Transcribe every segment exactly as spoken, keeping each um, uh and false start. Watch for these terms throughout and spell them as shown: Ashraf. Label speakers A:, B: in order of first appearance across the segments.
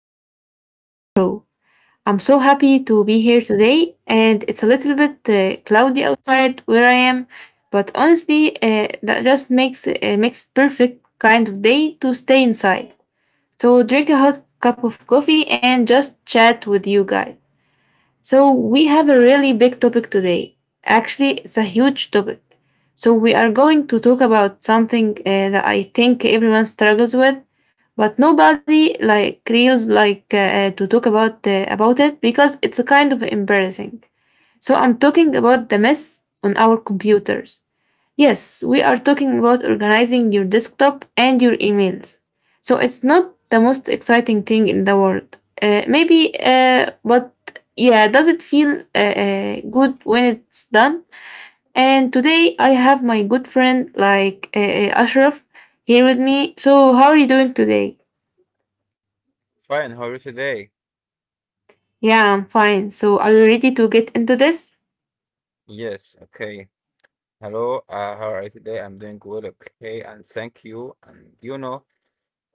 A: back to our show. I'm so happy to be here today, and it's a little bit uh, cloudy outside where I am, but honestly, uh, that just makes uh, makes perfect kind of day to stay inside. So drink a hot cup of coffee and just chat with you guys. So we have a really big topic today. Actually, it's a huge topic. So we are going to talk about something uh, that I think everyone struggles with, but nobody like reels like uh, uh, to talk about uh, about it because it's a kind of embarrassing. So I'm talking about the mess on our computers. Yes, we are talking about organizing your desktop and your emails. So it's not the most exciting thing in the world. Uh, maybe, uh, but yeah, does it feel uh, uh, good when it's done? And today I have my good friend like uh, uh, Ashraf here with me. So, how are you doing today?
B: Fine, how are you today?
A: Yeah, I'm fine. So, are you ready to get into this?
B: Yes, okay. Hello, uh, how are you today? I'm doing good, okay, and thank you. And you know,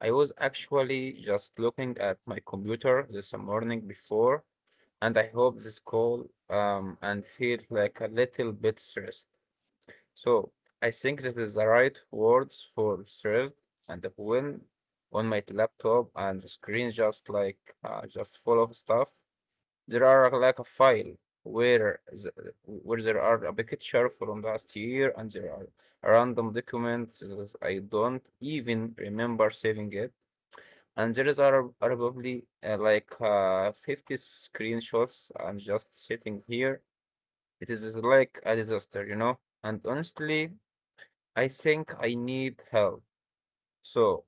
B: I was actually just looking at my computer this morning before, and I hope this call um and feel like a little bit stressed. So I think this is the right words for stressed and when on my laptop and the screen just like uh, just full of stuff. There are like a file where the- where there are a picture from last year and there are a random documents that I don't even remember saving it. And there is are are probably uh, like uh, fifty screenshots and just sitting here. It is like a disaster, you know? And honestly, I think I need help. So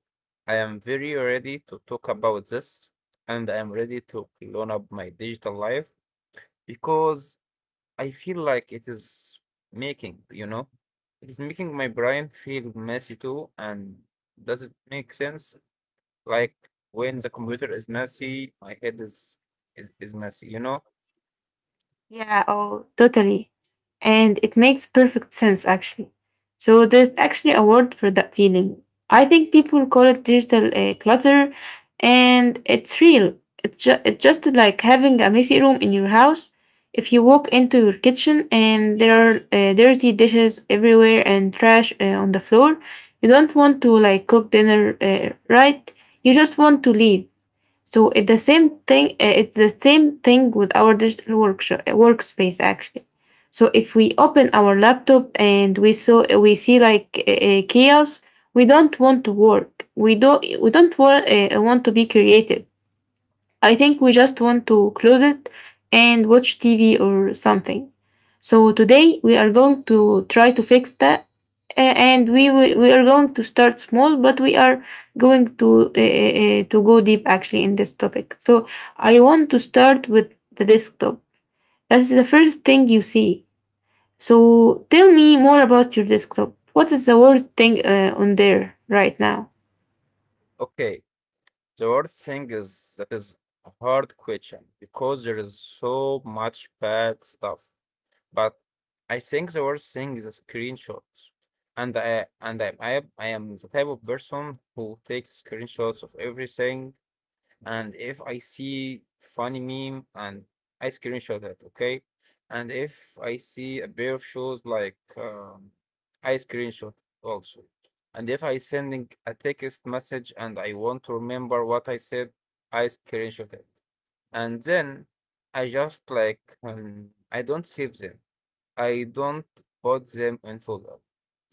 B: I am very ready to talk about this and I am ready to clone up my digital life because I feel like it is making, you know, it is making my brain feel messy too. And does it make sense? Like when the computer is messy, my head is is, is messy, you know?
A: Yeah, oh, totally. And it makes perfect sense, actually. So there's actually a word for that feeling. I think people call it digital uh, clutter, and it's real. It's, ju- it's just like having a messy room in your house. If you walk into your kitchen and there are uh, dirty dishes everywhere and trash uh, on the floor, you don't want to like cook dinner uh, right. You just want to leave. So it's the same thing. uh, It's the same thing with our digital workshop workspace actually. So if we open our laptop and we saw we see like a chaos, we don't want to work. We don't we don't want, uh, want to be creative. I think we just want to close it and watch T V or something. So today we are going to try to fix that. a- And we wi- we are going to start small, but we are going to uh, uh, uh, to go deep actually in this topic. So I want to start with the desktop. That's the first thing you see. So tell me more about your desktop. What is the worst thing uh, on there right now?
B: Okay. The worst thing is that is a hard question because there is so much bad stuff. But I think the worst thing is the screenshots. And I and I, I I am the type of person who takes screenshots of everything and if I see funny meme and I screenshot it, okay? And if I see a pair of shoes like um, I screenshot also. And if I sending a text message and I want to remember what I said, I screenshot it. And then I just like um, I don't save them. I don't put them in folder.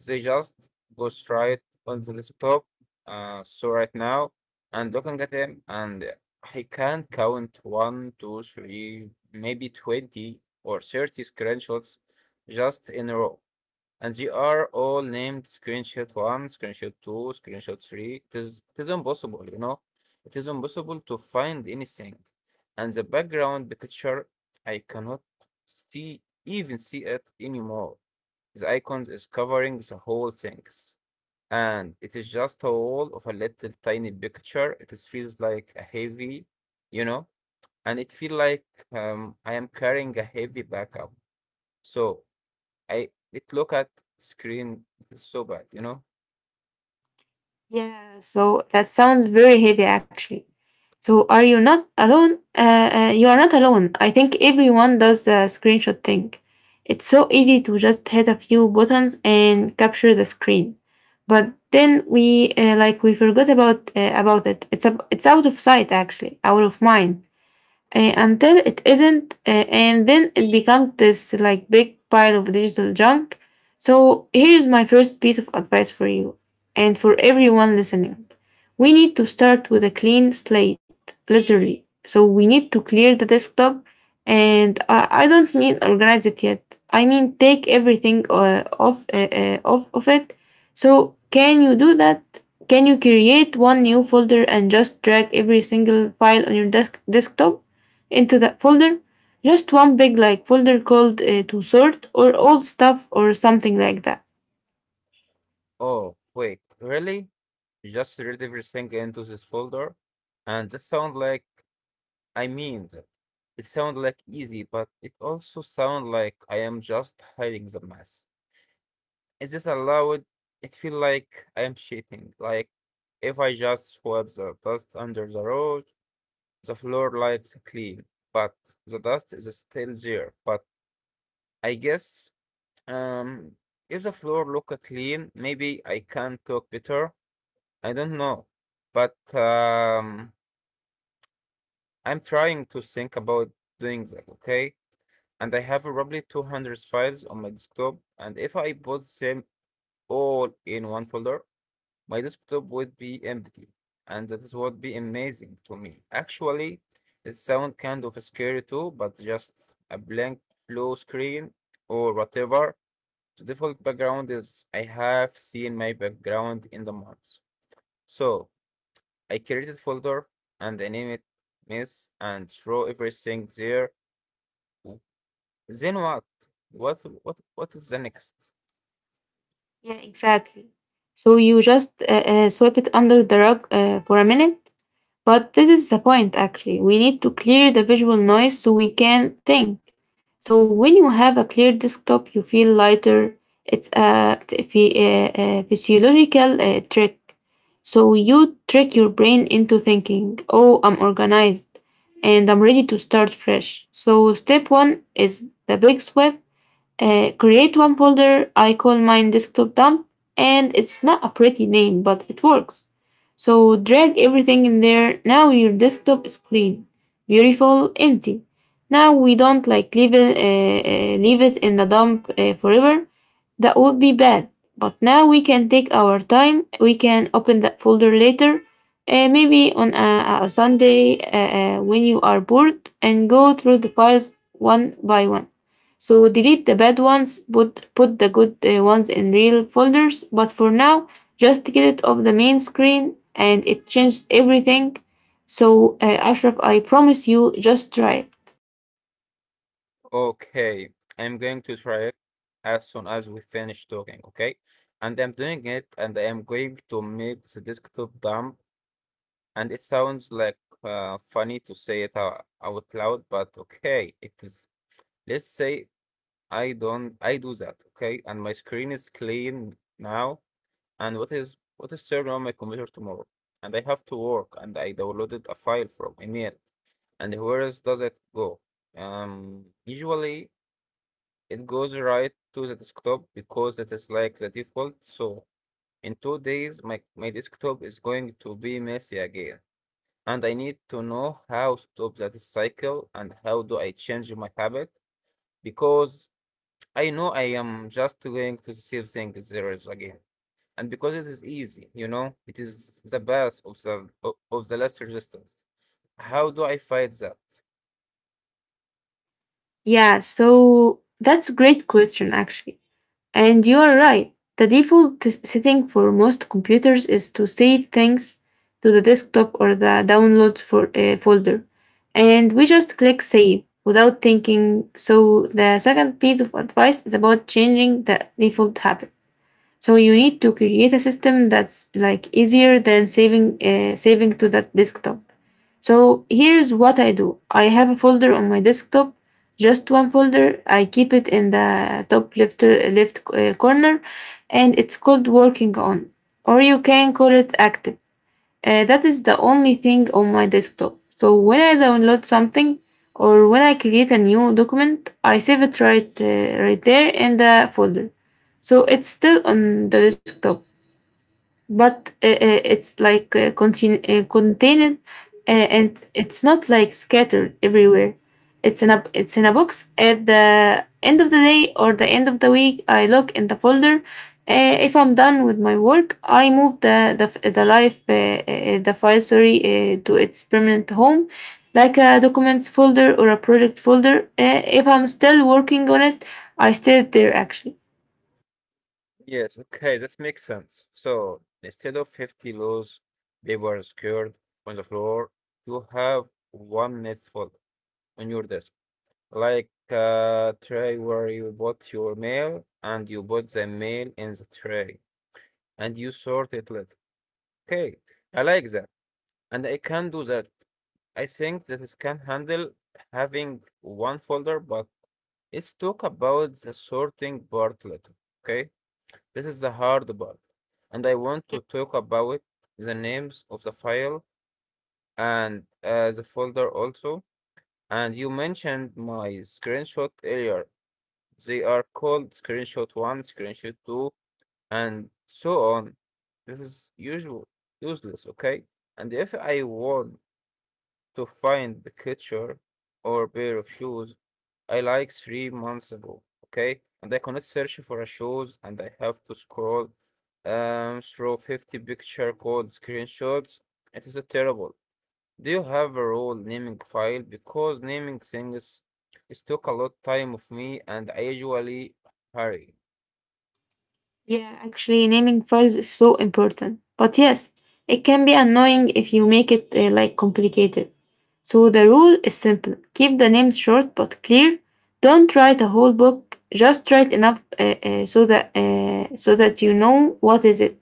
B: They just go straight on the desktop. Uh, so right now I'm looking at them and I can count one, two, three, maybe twenty or thirty screenshots just in a row and they are all named screenshot one, screenshot two, screenshot three. It is, it is impossible, you know, it is impossible to find anything. And the background picture, I cannot see even see it anymore. The icons is covering the whole things. And it is just a wall of a little tiny picture. It is, feels like a heavy, you know, and it feel like um, I am carrying a heavy backup. So I it look at screen it's so bad, you know?
A: Yeah. So that sounds very heavy actually. So are you not alone? Uh, uh, you are not alone. I think everyone does the screenshot thing. It's so easy to just hit a few buttons and capture the screen, but then we uh, like we forgot about uh, about it. It's a, it's out of sight actually, out of mind uh, until it isn't, uh, and then it becomes this like big pile of digital junk. So here's my first piece of advice for you and for everyone listening. We need to start with a clean slate, literally. So we need to clear the desktop, and I, I don't mean organize it yet. I mean take everything uh, off uh, uh, off of it. So can you do that? Can you create one new folder and just drag every single file on your desk- desktop into that folder? Just one big like folder called uh, to sort or old stuff or something like that.
B: Oh, wait, really? Just read everything into this folder? And that sound like I mean that. It sound like easy, but it also sound like I am just hiding the mess. Is this allowed? It feel like I am cheating. Like if I just swipe the dust under the road, the floor likes clean, but the dust is still there. But I guess Um, if the floor look clean, maybe I can talk better. I don't know, but um, I'm trying to think about doing that, okay? And I have probably two hundred files on my desktop, and if I put them all in one folder, my desktop would be empty, and that is what be amazing to me. Actually, it sounds kind of scary too, but just a blank blue screen or whatever. The default background is I have seen my background in the months. So I created folder and I name it miss and throw everything there. Then what? What what what is the next?
A: Yeah, exactly. So you just uh, uh, sweep it under the rug uh, for a minute. But this is the point, actually. We need to clear the visual noise so we can think. So when you have a clear desktop, you feel lighter. It's a, phy- a- a physiological uh, trick. So you trick your brain into thinking, oh, I'm organized and I'm ready to start fresh. So step one is the big sweep. Uh, create one folder. I call mine desktop dump, and it's not a pretty name, but it works. So drag everything in there. Now your desktop is clean, beautiful, empty. Now we don't like leave it, uh, uh, leave it in the dump uh, forever. That would be bad. But now we can take our time. We can open that folder later, uh, maybe on a, a Sunday uh, uh, when you are bored, and go through the files one by one. So delete the bad ones, put, put the good uh, ones in real folders. But for now, just get it off the main screen and it changed everything. So, uh, Ashraf, I promise you, just try it.
B: Okay, I'm going to try it as soon as we finish talking, okay? And I'm doing it and I am going to make the desktop dump. And it sounds like uh, funny to say it ou- out loud, but okay, it is let's say I don't I do that, okay? And my screen is clean now. And what is what is served on my computer tomorrow? And I have to work and I downloaded a file from email. And where else does it go? Um, usually it goes right to the desktop because that is like the default. So in two days, my, my desktop is going to be messy again. And I need to know how to stop that cycle and how do I change my habit because I know I am just going to save things zeros again. And because it is easy, you know, it is the path of the o- of the last resistance. How do I fight that?
A: Yeah, so that's a great question, actually. And you are right. The default s- setting for most computers is to save things to the desktop or the downloads for, uh, folder. And we just click save without thinking. So, the second piece of advice is about changing the default habit. So, you need to create a system that's like easier than saving, uh, saving to that desktop. So here's what I do. I have a folder on my desktop, just one folder. I keep it in the top left uh, left uh, corner, and it's called working on, or you can call it active. Uh, that is the only thing on my desktop. So when I download something or when I create a new document, I save it right uh, right there in the folder. So it's still on the desktop but uh, uh, it's like uh, contain- uh, contained uh, and it's not like scattered everywhere. It's in a, it's in a box. At the end of the day or the end of the week, I look in the folder. Uh, if I'm done with my work, I move the the, f- the life uh, uh, the file, sorry, uh, to its permanent home, like a documents folder or a project folder. Uh, if I'm still working on it, I stay there actually.
B: Yes, okay, that makes sense. So instead of fifty laws, they were scared on the floor. You have one net folder on your desk. Like a tray where you bought your mail and you put the mail in the tray and you sort it later. Okay, I like that. And I can do that. I think that it can handle having one folder, but let's talk about the sorting part later. Okay, this is the hard part, and I want to talk about the names of the file and uh, the folder also. And you mentioned my screenshot earlier. They are called screenshot one, screenshot two, and so on. This is usual useless. Okay, and if I want to find the ketchup or pair of shoes I like three months ago, okay? And I cannot search for a shoes and I have to scroll um through fifty picture called screenshots. It is a terrible. Do you have a rule naming file? Because naming things is took a lot time of me and I usually hurry.
A: Yeah, actually, naming files is so important. But yes, it can be annoying if you make it uh, like complicated. So the rule is simple: keep the names short but clear. Don't write a whole book, just write enough uh, uh, so that, uh, so that you know what is it.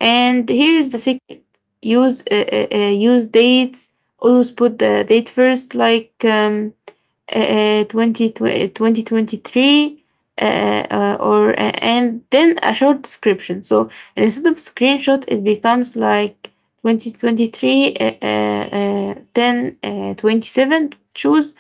A: And here's the secret: use, uh, uh, uh, use dates, always put the date first, like um, uh, twenty, twenty twenty-three, uh, uh, uh, or uh, and then a short description. So instead of screenshot it becomes like twenty twenty-three uh, uh, ten, uh, twenty-seven choose,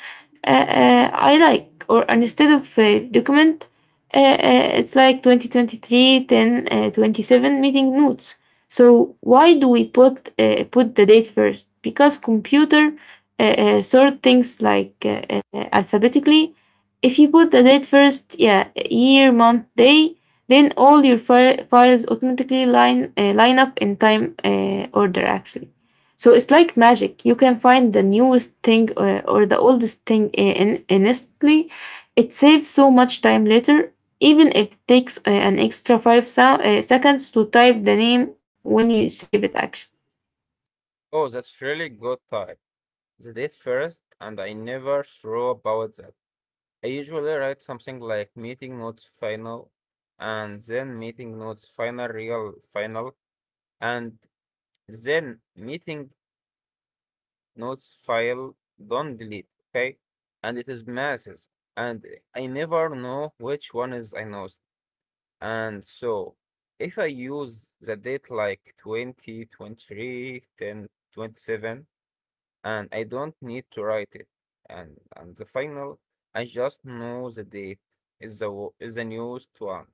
A: uh, uh, I like. Or instead of uh, document, uh, uh, it's like twenty twenty-three then uh, twenty-seven meeting notes. So why do we put uh, put the date first? Because computer uh, uh, sort things like uh, uh, alphabetically. If you put the date first, yeah, year, month, day, then all your fi- files automatically line uh, line up in time uh, order actually. So it's like magic. You can find the newest thing uh, or the oldest thing uh, in instantly. It saves so much time later, even if it takes uh, an extra five sou- uh, seconds to type the name when you save it actually.
B: Oh, that's really good time. The date first and I never throw about that. I usually write something like meeting notes final and then meeting notes final real final and then meeting notes file don't delete okay and it is masses and I never know which one is I know and so if I use the date like twenty twenty three ten twenty seven. And I don't need to write it. And and the final, I just know the date is the wo- is the newest one.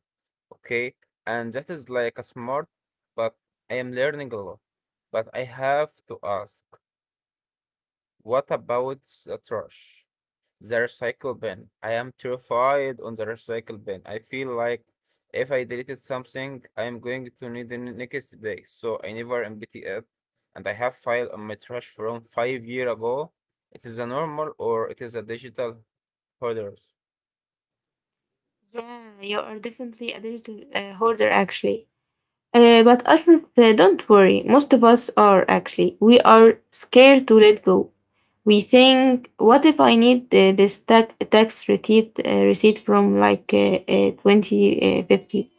B: Okay, and that is like a smart, but I am learning a lot. But I have to ask, what about the trash? The recycle bin. I am terrified on the recycle bin. I feel like if I deleted something, I am going to need it next day. So I never empty it. And I have file on my trash from five year ago. It is a normal or it is a digital holders.
A: Yeah, you are definitely a digital uh, hoarder actually. Uh, but Ashraf, uh, don't worry. Most of us are actually. We are scared to let go. We think, what if I need uh, this tax, tax receipt, uh, receipt from like uh, uh, twenty fifty?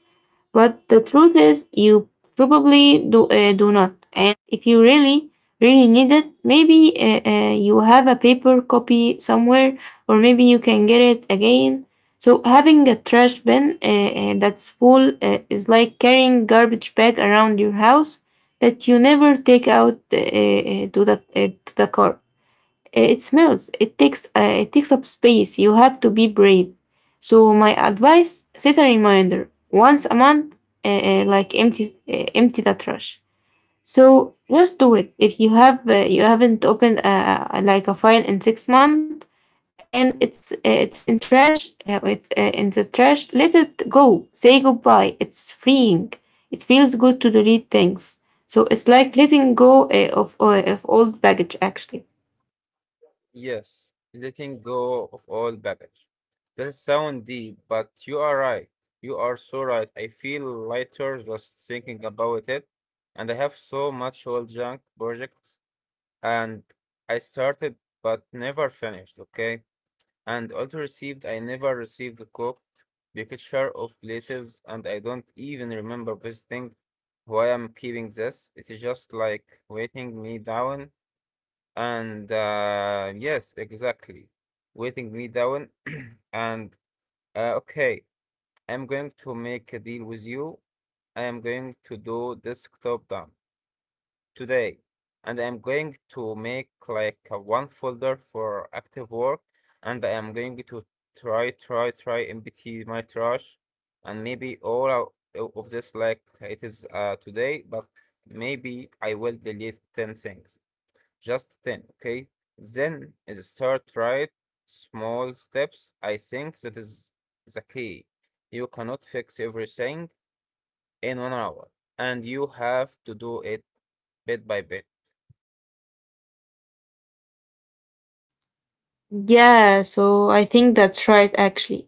A: But the truth is, you probably do, uh, do not. And if you really, really need it, maybe uh, uh, you have a paper copy somewhere, or maybe you can get it again. So having a trash bin uh, uh, that's full uh, is like carrying garbage bag around your house that you never take out uh, uh, to the uh, to the car. It smells. It takes uh, it takes up space. You have to be brave. So my advice: set a reminder once a month, uh, uh, like empty uh, empty that trash. So just do it. If you have uh, you haven't opened uh, uh, like a file in six months and it's uh, it's in trash uh, with uh, in the trash, let it go. Say goodbye. It's freeing. It feels good to delete things. So it's like letting go uh, of uh, of old baggage actually.
B: Yes, letting go of all baggage. That sound deep, but you are right. You are so right. I feel lighter just thinking about it. And I have so much old junk projects and I started but never finished, okay? And also received, I never received the cooked picture of places, and I don't even remember visiting why I'm keeping this. It is just like weighting me down, and uh, yes, exactly, weighting me down. And uh, okay, I'm going to make a deal with you. I am going to do this top down today, and I am going to make like a one folder for active work, and I am going to try, try, try empty my trash, and maybe all o- o- of this like it is uh, today, but maybe I will delete ten things, just ten, okay? Then is start right small steps. I think that is the key. You cannot fix everything in one hour, and you have to do it bit by bit.
A: Yeah, so I think that's right, actually.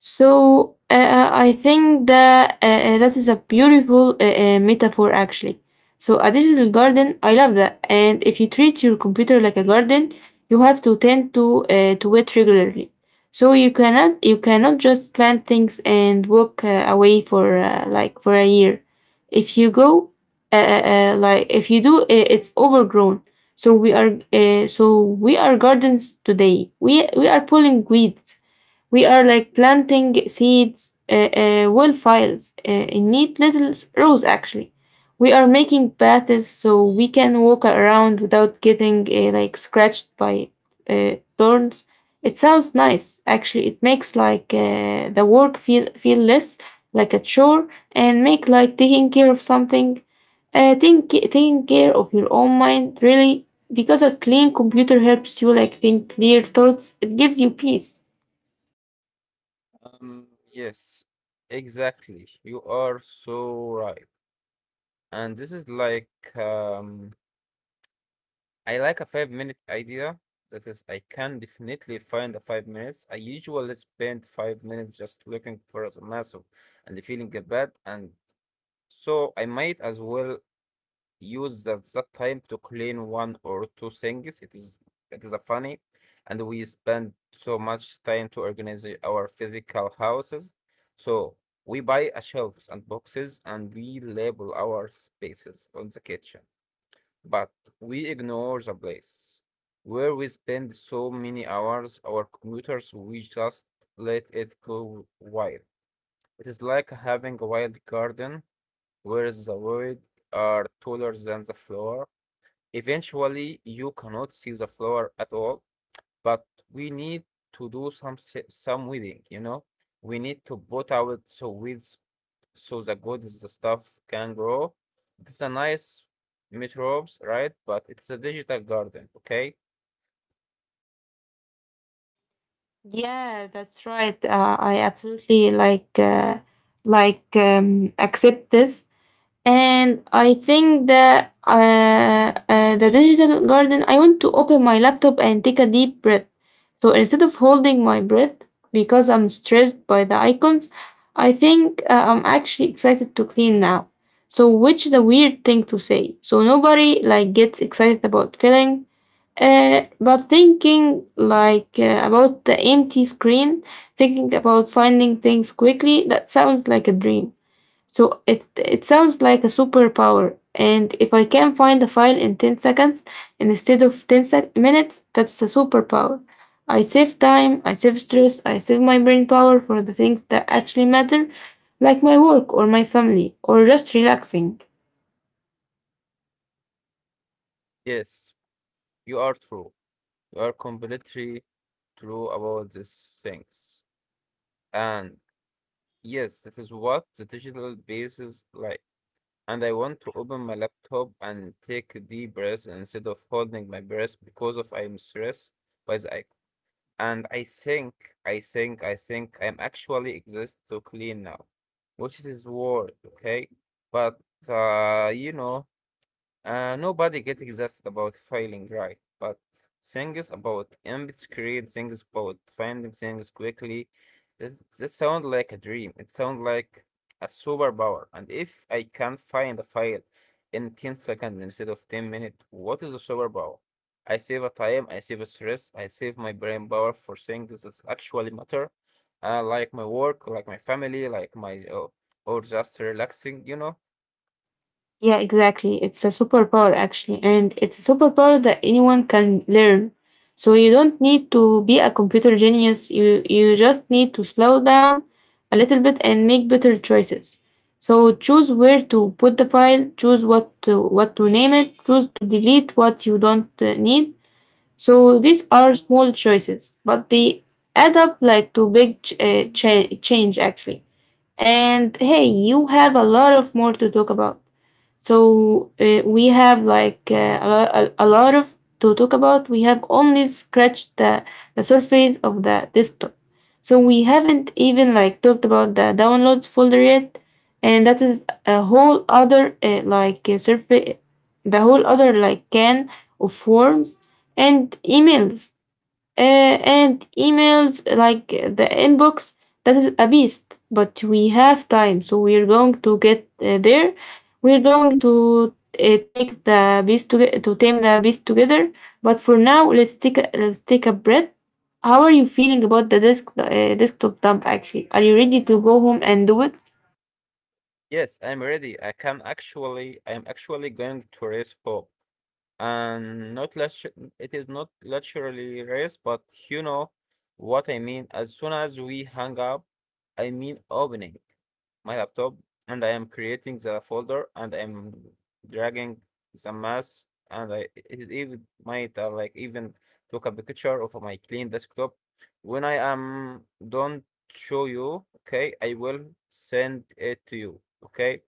A: So uh, uh, I think that uh, uh, that is a beautiful uh, uh, metaphor actually. So a digital garden, I love that. And if you treat your computer like a garden, you have to tend to uh, to it regularly. So you cannot you cannot just plant things and walk uh, away for uh, like for a year. If you go uh, uh, uh, like if you do, uh, it's overgrown. So we are uh, so we are gardens today. We we are pulling weeds. We are like planting seeds, uh, uh, well files, uh, in neat little s- rows actually. We are making paths so we can walk around without getting uh, like scratched by uh, thorns. It sounds nice actually. It makes like uh, the work feel feel less like a chore, and make like taking care of something uh, think, taking care of your own mind really, because a clean computer helps you like think clear thoughts. It gives you peace.
B: Um, yes, exactly. You are so right. And this is like, um, I like a five minute idea. That is, I can definitely find the five minutes. I usually spend five minutes just looking for a massive and feeling bad. And so I might as well use at that time to clean one or two things. It is it is a funny, and we spend so much time to organize our physical houses. So we buy a shelves and boxes and we label our spaces on the kitchen, but we ignore the place where we spend so many hours. Our commuters, we just let it go wild. It is like having a wild garden where the weeds are taller than the floor. Eventually, you cannot see the flower at all, but we need to do some se- some weeding, you know? We need to put out so weeds so the good is the stuff can grow. It's a nice metrobes, right? But it's a digital garden, okay?
A: Yeah, that's right. Uh, I absolutely like uh, like um, accept this. And I think that uh, uh, the digital garden, I want to open my laptop and take a deep breath. So instead of holding my breath because I'm stressed by the icons, I think uh, I'm actually excited to clean now. So which is a weird thing to say. So nobody like gets excited about filling, uh, but thinking like uh, about the empty screen, thinking about finding things quickly, that sounds like a dream. So it it sounds like a superpower. And if I can find a file in ten seconds instead of ten sec- minutes, that's a superpower. I save time, I save stress, I save my brain power for the things that actually matter, like my work or my family or just relaxing.
B: Yes, you are true. You are completely true about these things. And yes, that is what the digital base is like. And I want to open my laptop and take a deep breath instead of holding my breath because of I'm stressed by the icon. And I think, I think, I think I'm actually exist to clean now, which is word, okay? But uh, you know, uh, nobody gets exhausted about failing right, but things about empty screen, things about finding things quickly, that, that sound like a dream. It sounds like a superpower. And if I can find a file in ten seconds instead of ten minutes, what is a superpower? I save a time, I save a stress, I save my brain power for things that actually matter, uh, like my work, like my family, like my, uh, or just relaxing, you know?
A: Yeah, exactly. It's a superpower actually, and it's a superpower that anyone can learn. So you don't need to be a computer genius. You you just need to slow down a little bit and make better choices. So choose where to put the file, choose what to what to name it, choose to delete what you don't uh, need. So these are small choices, but they add up like to big ch- uh, cha- change actually. And hey, you have a lot of more to talk about. So uh, we have like uh, a, lo- a, a lot of to talk about. We have only scratched the, the surface of the desktop. So we haven't even like talked about the downloads folder yet, and that is a whole other uh, like uh, surface, the whole other like can of forms and emails, uh, and emails like uh, the inbox. That is a beast, but we have time, so we're going to get uh, there. We're going to uh, take the beast to to tame the beast together. But for now, let's take a, let's take a breath. How are you feeling about the desk uh, desktop dump actually? Are you ready to go home and do it?
B: Yes, I'm ready. I can actually, I'm actually going to race hope and not luxu- it is not luxury race, but you know what I mean. As soon as we hang up, I mean opening my laptop and I am creating the folder and I'm dragging the mass and I it is even might uh, like even took a picture of my clean desktop. When I am don't show you, okay, I will send it to you, okay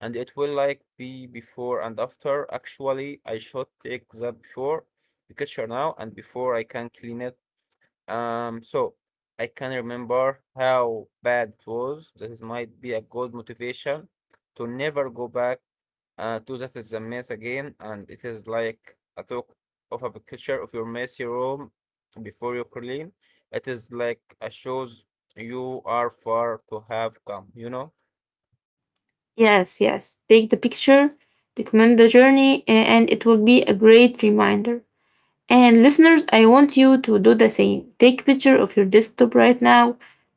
B: and it will like be before and after. Actually, I should take that before the picture now and before I can clean it. Um, so I can remember how bad it was. This might be a good motivation to never go back uh, to that is a mess again, and it is like a talk of a picture of your messy room before you clean. It is like a shows you are far to have come, you know.
A: Yes, yes, take the picture, document the journey uh, and it will be a great reminder. And listeners, I want you to do the same. Take picture of your desktop right now.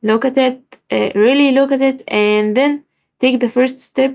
A: Look at it, uh, really look at it, and then take the first step.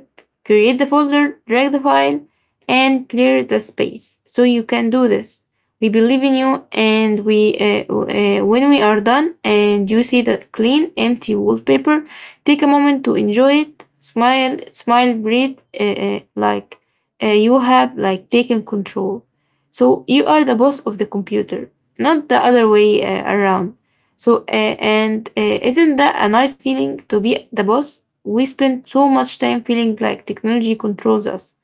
A: Create the folder, drag the file, and clear the space. So you can do this. We believe in you, and we uh, uh, when we are done and you see the clean, empty wallpaper, take a moment to enjoy it. Smile, smile, breathe, uh, uh, like uh, you have like taken control. So you are the boss of the computer, not the other way uh, around. So, uh, and uh, isn't that a nice feeling to be the boss? We spend so much time feeling like technology controls us.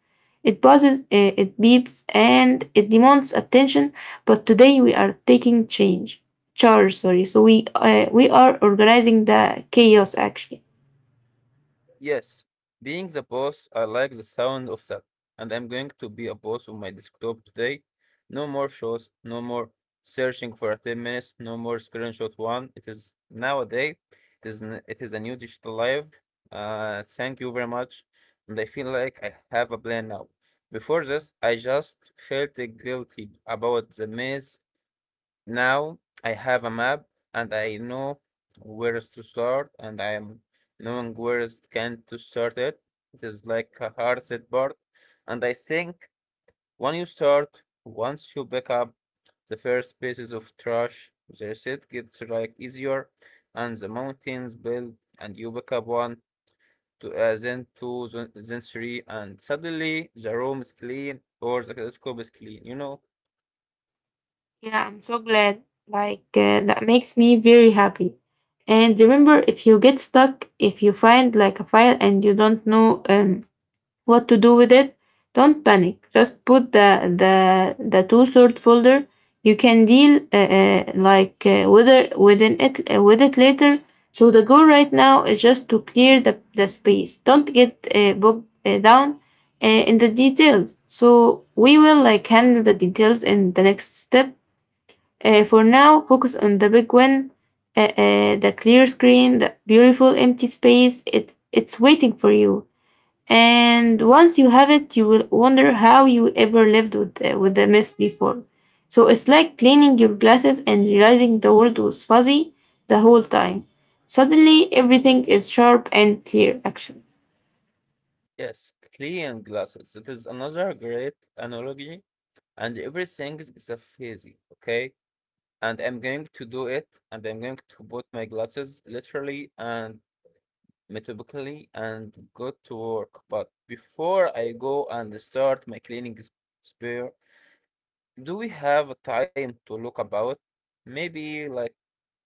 A: It buzzes, uh, it beeps, and it demands attention. But today we are taking change, charge. Sorry. So we uh, we are organizing the chaos actually.
B: Yes, being the boss, I like the sound of that. And I'm going to be a boss on my desktop today. No more shows, no more searching for a ten minutes, no more screenshot one. It is nowadays, it is, n- it is a new digital life. Uh, thank you very much. And I feel like I have a plan now. Before this, I just felt guilty about the maze now I have a map and I know where is to start and I am knowing where is can to start it. It is like a hard set board. And I think when you start, once you pick up the first pieces of trash, the reset gets like easier and the mountains build and you pick up one to uh, then two then then three and suddenly the room is clean or the telescope is clean, you know?
A: Yeah, I'm so glad. Like, uh, that makes me very happy. And remember, if you get stuck, if you find like a file and you don't know um, what to do with it, don't panic. Just put the the the two sort folder. You can deal uh, uh, like uh, with within it uh, with it later. So the goal right now is just to clear the the space. Don't get uh, bogged uh, down uh, in the details. So we will like handle the details in the next step. Uh, for now, focus on the big win, uh, uh, the clear screen, the beautiful empty space. It, it's waiting for you. And once you have it, you will wonder how you ever lived with, uh, with the mess before. So it's like cleaning your glasses and realizing the world was fuzzy the whole time. Suddenly, everything is sharp and clear, actually.
B: Yes, clean glasses. It is another great analogy, and everything is a phase, okay? And I'm going to do it, and I'm going to put my glasses literally and metaphorically and go to work. But before I go and start my cleaning s- spare, do we have a time to look about? Maybe like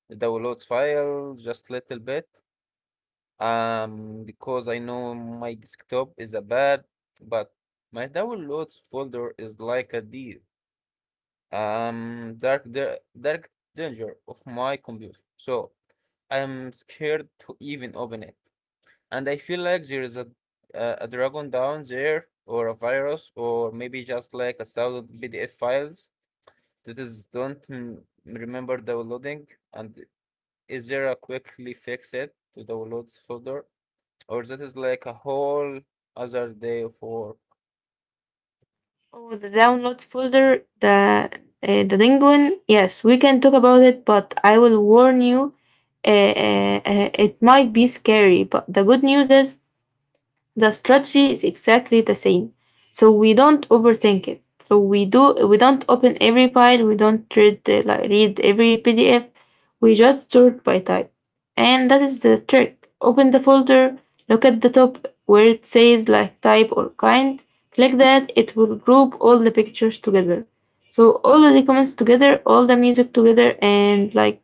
B: the downloads file, just little bit. Um, because I know my desktop is a bad, but my downloads folder is like a deep, um, dark, da- dark danger of my computer. So I'm scared to even open it, and I feel like there is a a, a dragon down there, or a virus, or maybe just like a thousand P D F files that is don't mm, remember downloading. And is there a quickly fix it to downloads folder? Or that is like a whole other day of work.
A: Oh, the downloads folder, the uh, the penguin. Yes, we can talk about it, but I will warn you, uh, uh, uh, it might be scary. But the good news is the strategy is exactly the same. So we don't overthink it. So we do we don't open every file, we don't read uh, like read every P D F. We just sort by type. And that is the trick. Open the folder, look at the top where it says like type or kind. Click that, it will group all the pictures together. So all of the comments together, all the music together, and like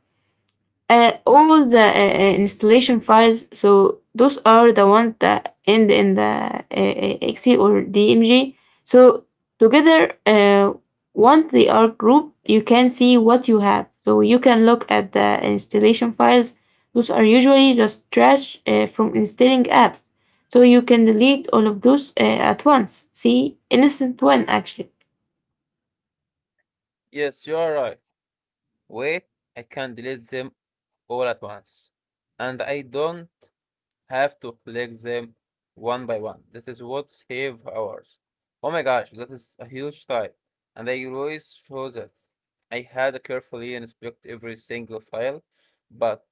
A: uh, all the uh, uh, installation files. So those are the ones that end in the uh, uh, exe or D M G. So together, uh, once they are grouped, you can see what you have. So you can look at the installation files. Those are usually just trash uh, from installing apps. So you can delete all of those uh, at once. See, innocent one actually.
B: Yes, you are right. Wait, I can delete them all at once. And I don't have to collect them one by one. That is what save hours. Oh my gosh, that is a huge time. And I always thought that I had carefully inspect every single file, but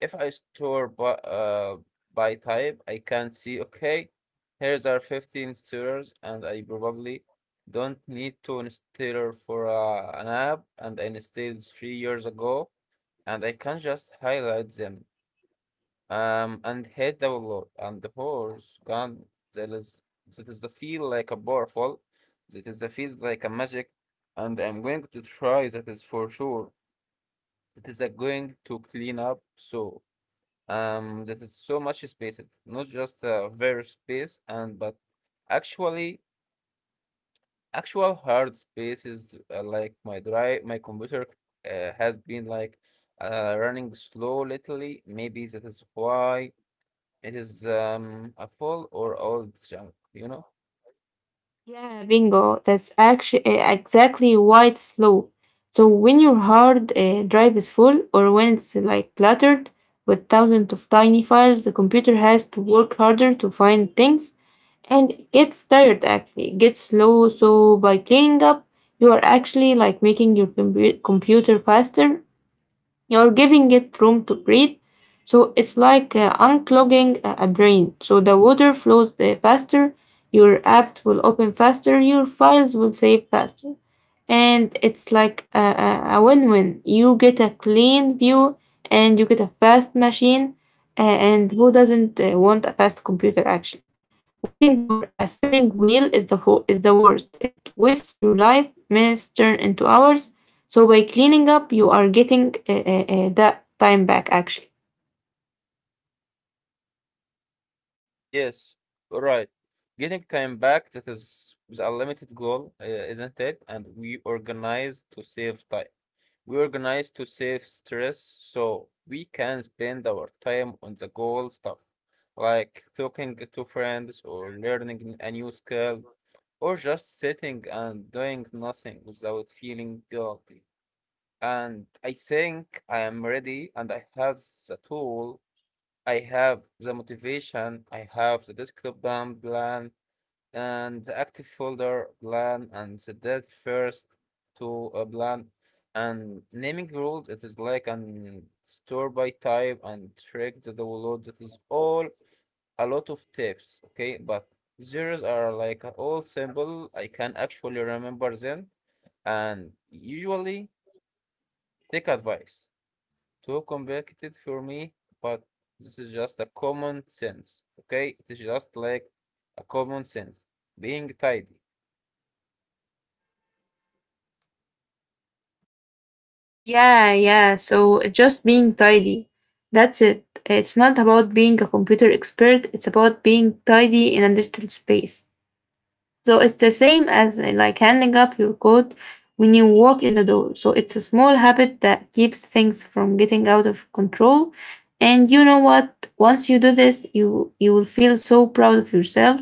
B: if I store by, uh, by type, I can see, okay, here's our fifteen stirrers, and I probably don't need to install for uh, an app, and I installed three years ago, and I can just highlight them um, and hit download, and the horse gone. That is, that is the feel like a powerful, that is the feel like a magic, and I'm going to try that is for sure. It is uh, going to clean up so um that is so much space. It's not just a very space and but actually actual hard spaces uh, like my drive my computer uh, has been like uh, running slow lately, maybe that is why it is um a full or old junk, you know?
A: Yeah, bingo. That's actually eh, exactly why it's slow. So when your hard uh, drive is full or when it's like cluttered with thousands of tiny files, the computer has to work harder to find things, and it gets tired actually. It gets slow. So by cleaning up, you are actually like making your compu computer faster. You're giving it room to breathe. So it's like uh, unclogging a a drain. So the water flows uh, faster, your app will open faster, your files will save faster. And it's like a, a, a win win. You get a clean view and you get a fast machine, uh, and who doesn't uh, want a fast computer actually? Waiting for a spinning wheel is the ho- is the worst. It wastes your life. Minutes turn into hours. So by cleaning up, you are getting uh, uh, uh, that time back actually.
B: Yes, right, getting time back, that is is a limited goal, uh, isn't it? And we organize to save time. We organize to save stress so we can spend our time on the goal stuff, like talking to friends or learning a new skill or just sitting and doing nothing without feeling guilty. And I think I am ready and I have the tool, I have the motivation, I have the desktop down plan, and the active folder plan and the date first to a plan and naming rules. It is like an store by type and track the download, that is all a lot of tips, okay, but zeros are like all simple, I can actually remember them and usually take advice too complicated for me, but this is just a common sense, okay, it is just like a common sense being tidy.
A: Yeah, yeah. So just being tidy. That's it. It's not about being a computer expert. It's about being tidy in a digital space. So it's the same as uh, like handing up your coat when you walk in the door. So it's a small habit that keeps things from getting out of control. And you know what? Once you do this, you you will feel so proud of yourself.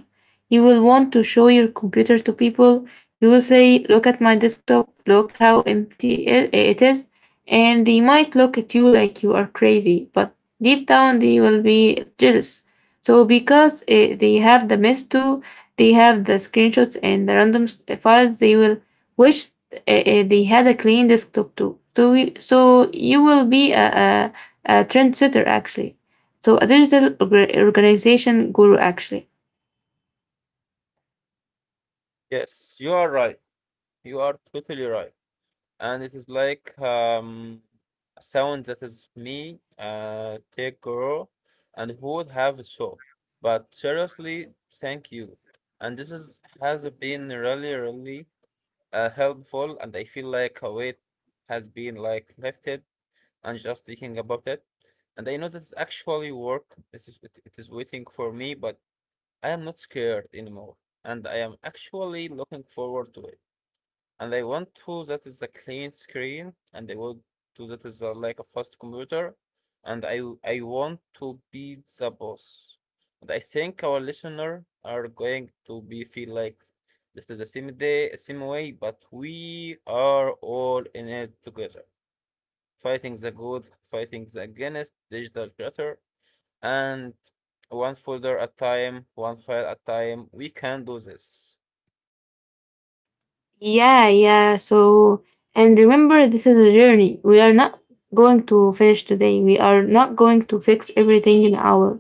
A: You will want to show your computer to people. You will say, "Look at my desktop. Look how empty it it is." And they might look at you like you are crazy, but deep down they will be jealous. So because uh, they have the mess too, they have the screenshots and the random s- files. They will wish uh, uh, they had a clean desktop too, so we, so you will be a, a, a trendsetter actually, so a digital orga- organization guru actually.
B: Yes, you are right. You are totally right. And it is like um, a sound that is me, uh, take girl, and who would have a show. But seriously, thank you. And this is has been really, really uh, helpful. And I feel like a weight has been like lifted. And just thinking about it, and I know that it's actually work. This is it, it is waiting for me, but I am not scared anymore, and I am actually looking forward to it and I want to that is a clean screen, and I want to that is a, like a fast computer, and I I want to be the boss. And I think our listener are going to be feel like this is the same day, same way, but we are all in it together, fighting the good, fighting the against digital creator, and one folder at time, one file at time. We can do this.
A: Yeah, yeah. So, and remember, this is a journey. We are not going to finish today. We are not going to fix everything in an hour,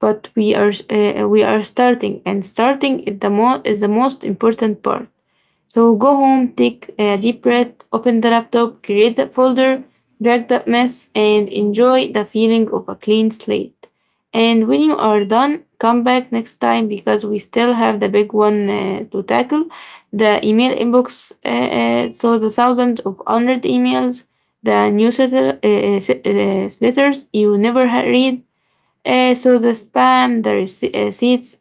A: but we are uh, we are starting, and starting is the mo- is the most important part. So go home, take a deep breath, open the laptop, create that folder, drag that mess, and enjoy the feeling of a clean slate. And when you are done, come back next time, because we still have the big one uh, to tackle, the email inbox. Uh, uh, so, the thousands of unread emails, the newsletter uh, uh, uh, letters you never read, uh, so the spam, the rece- uh, receipts,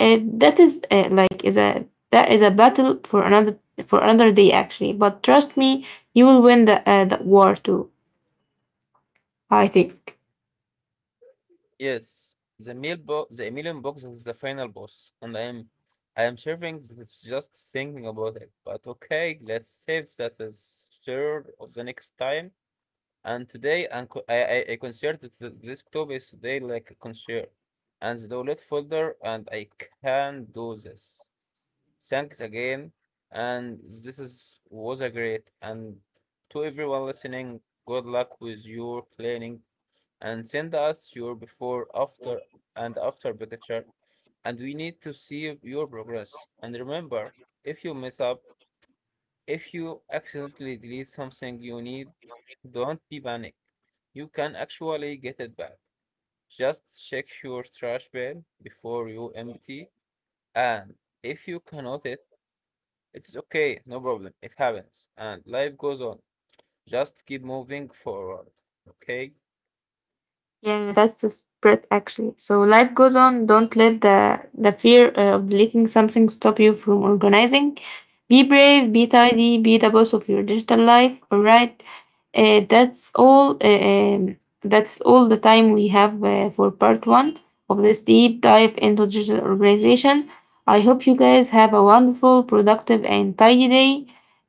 A: uh, that is uh, like is a that is a battle for another, for another day actually. But trust me, you will win the uh, the war too. I think.
B: Yes, the meal bo the Emilian box is the final boss, and I am I am serving this just thinking about it. But okay, let's save that is sure of the next time. And today, and co- I I, I considered that the desktop is today like a concert, and the download folder, and I can do this. Thanks again, and this is was a great and to everyone listening. Good luck with your planning and send us your before, after, and after picture, and we need to see your progress. And remember, if you mess up, if you accidentally delete something you need, don't be panicked. You can actually get it back. Just check your trash bin before you empty, and if you cannot it, it's okay, no problem, it happens, and life goes on. Just keep moving forward, okay?
A: Yeah, yeah, that's the spread actually. So life goes on. Don't let the the fear uh, of deleting something stop you from organizing. Be brave, be tidy, be the boss of your digital life. All right, uh, that's all. Uh, um, that's all the time we have uh, for part one of this deep dive into digital organization. I hope you guys have a wonderful, productive, and tidy day.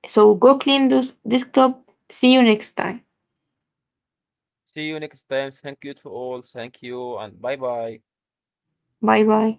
A: So go clean this desktop. See you next time.
B: See you next time. Thank you to all. Thank you and bye bye.
A: Bye bye.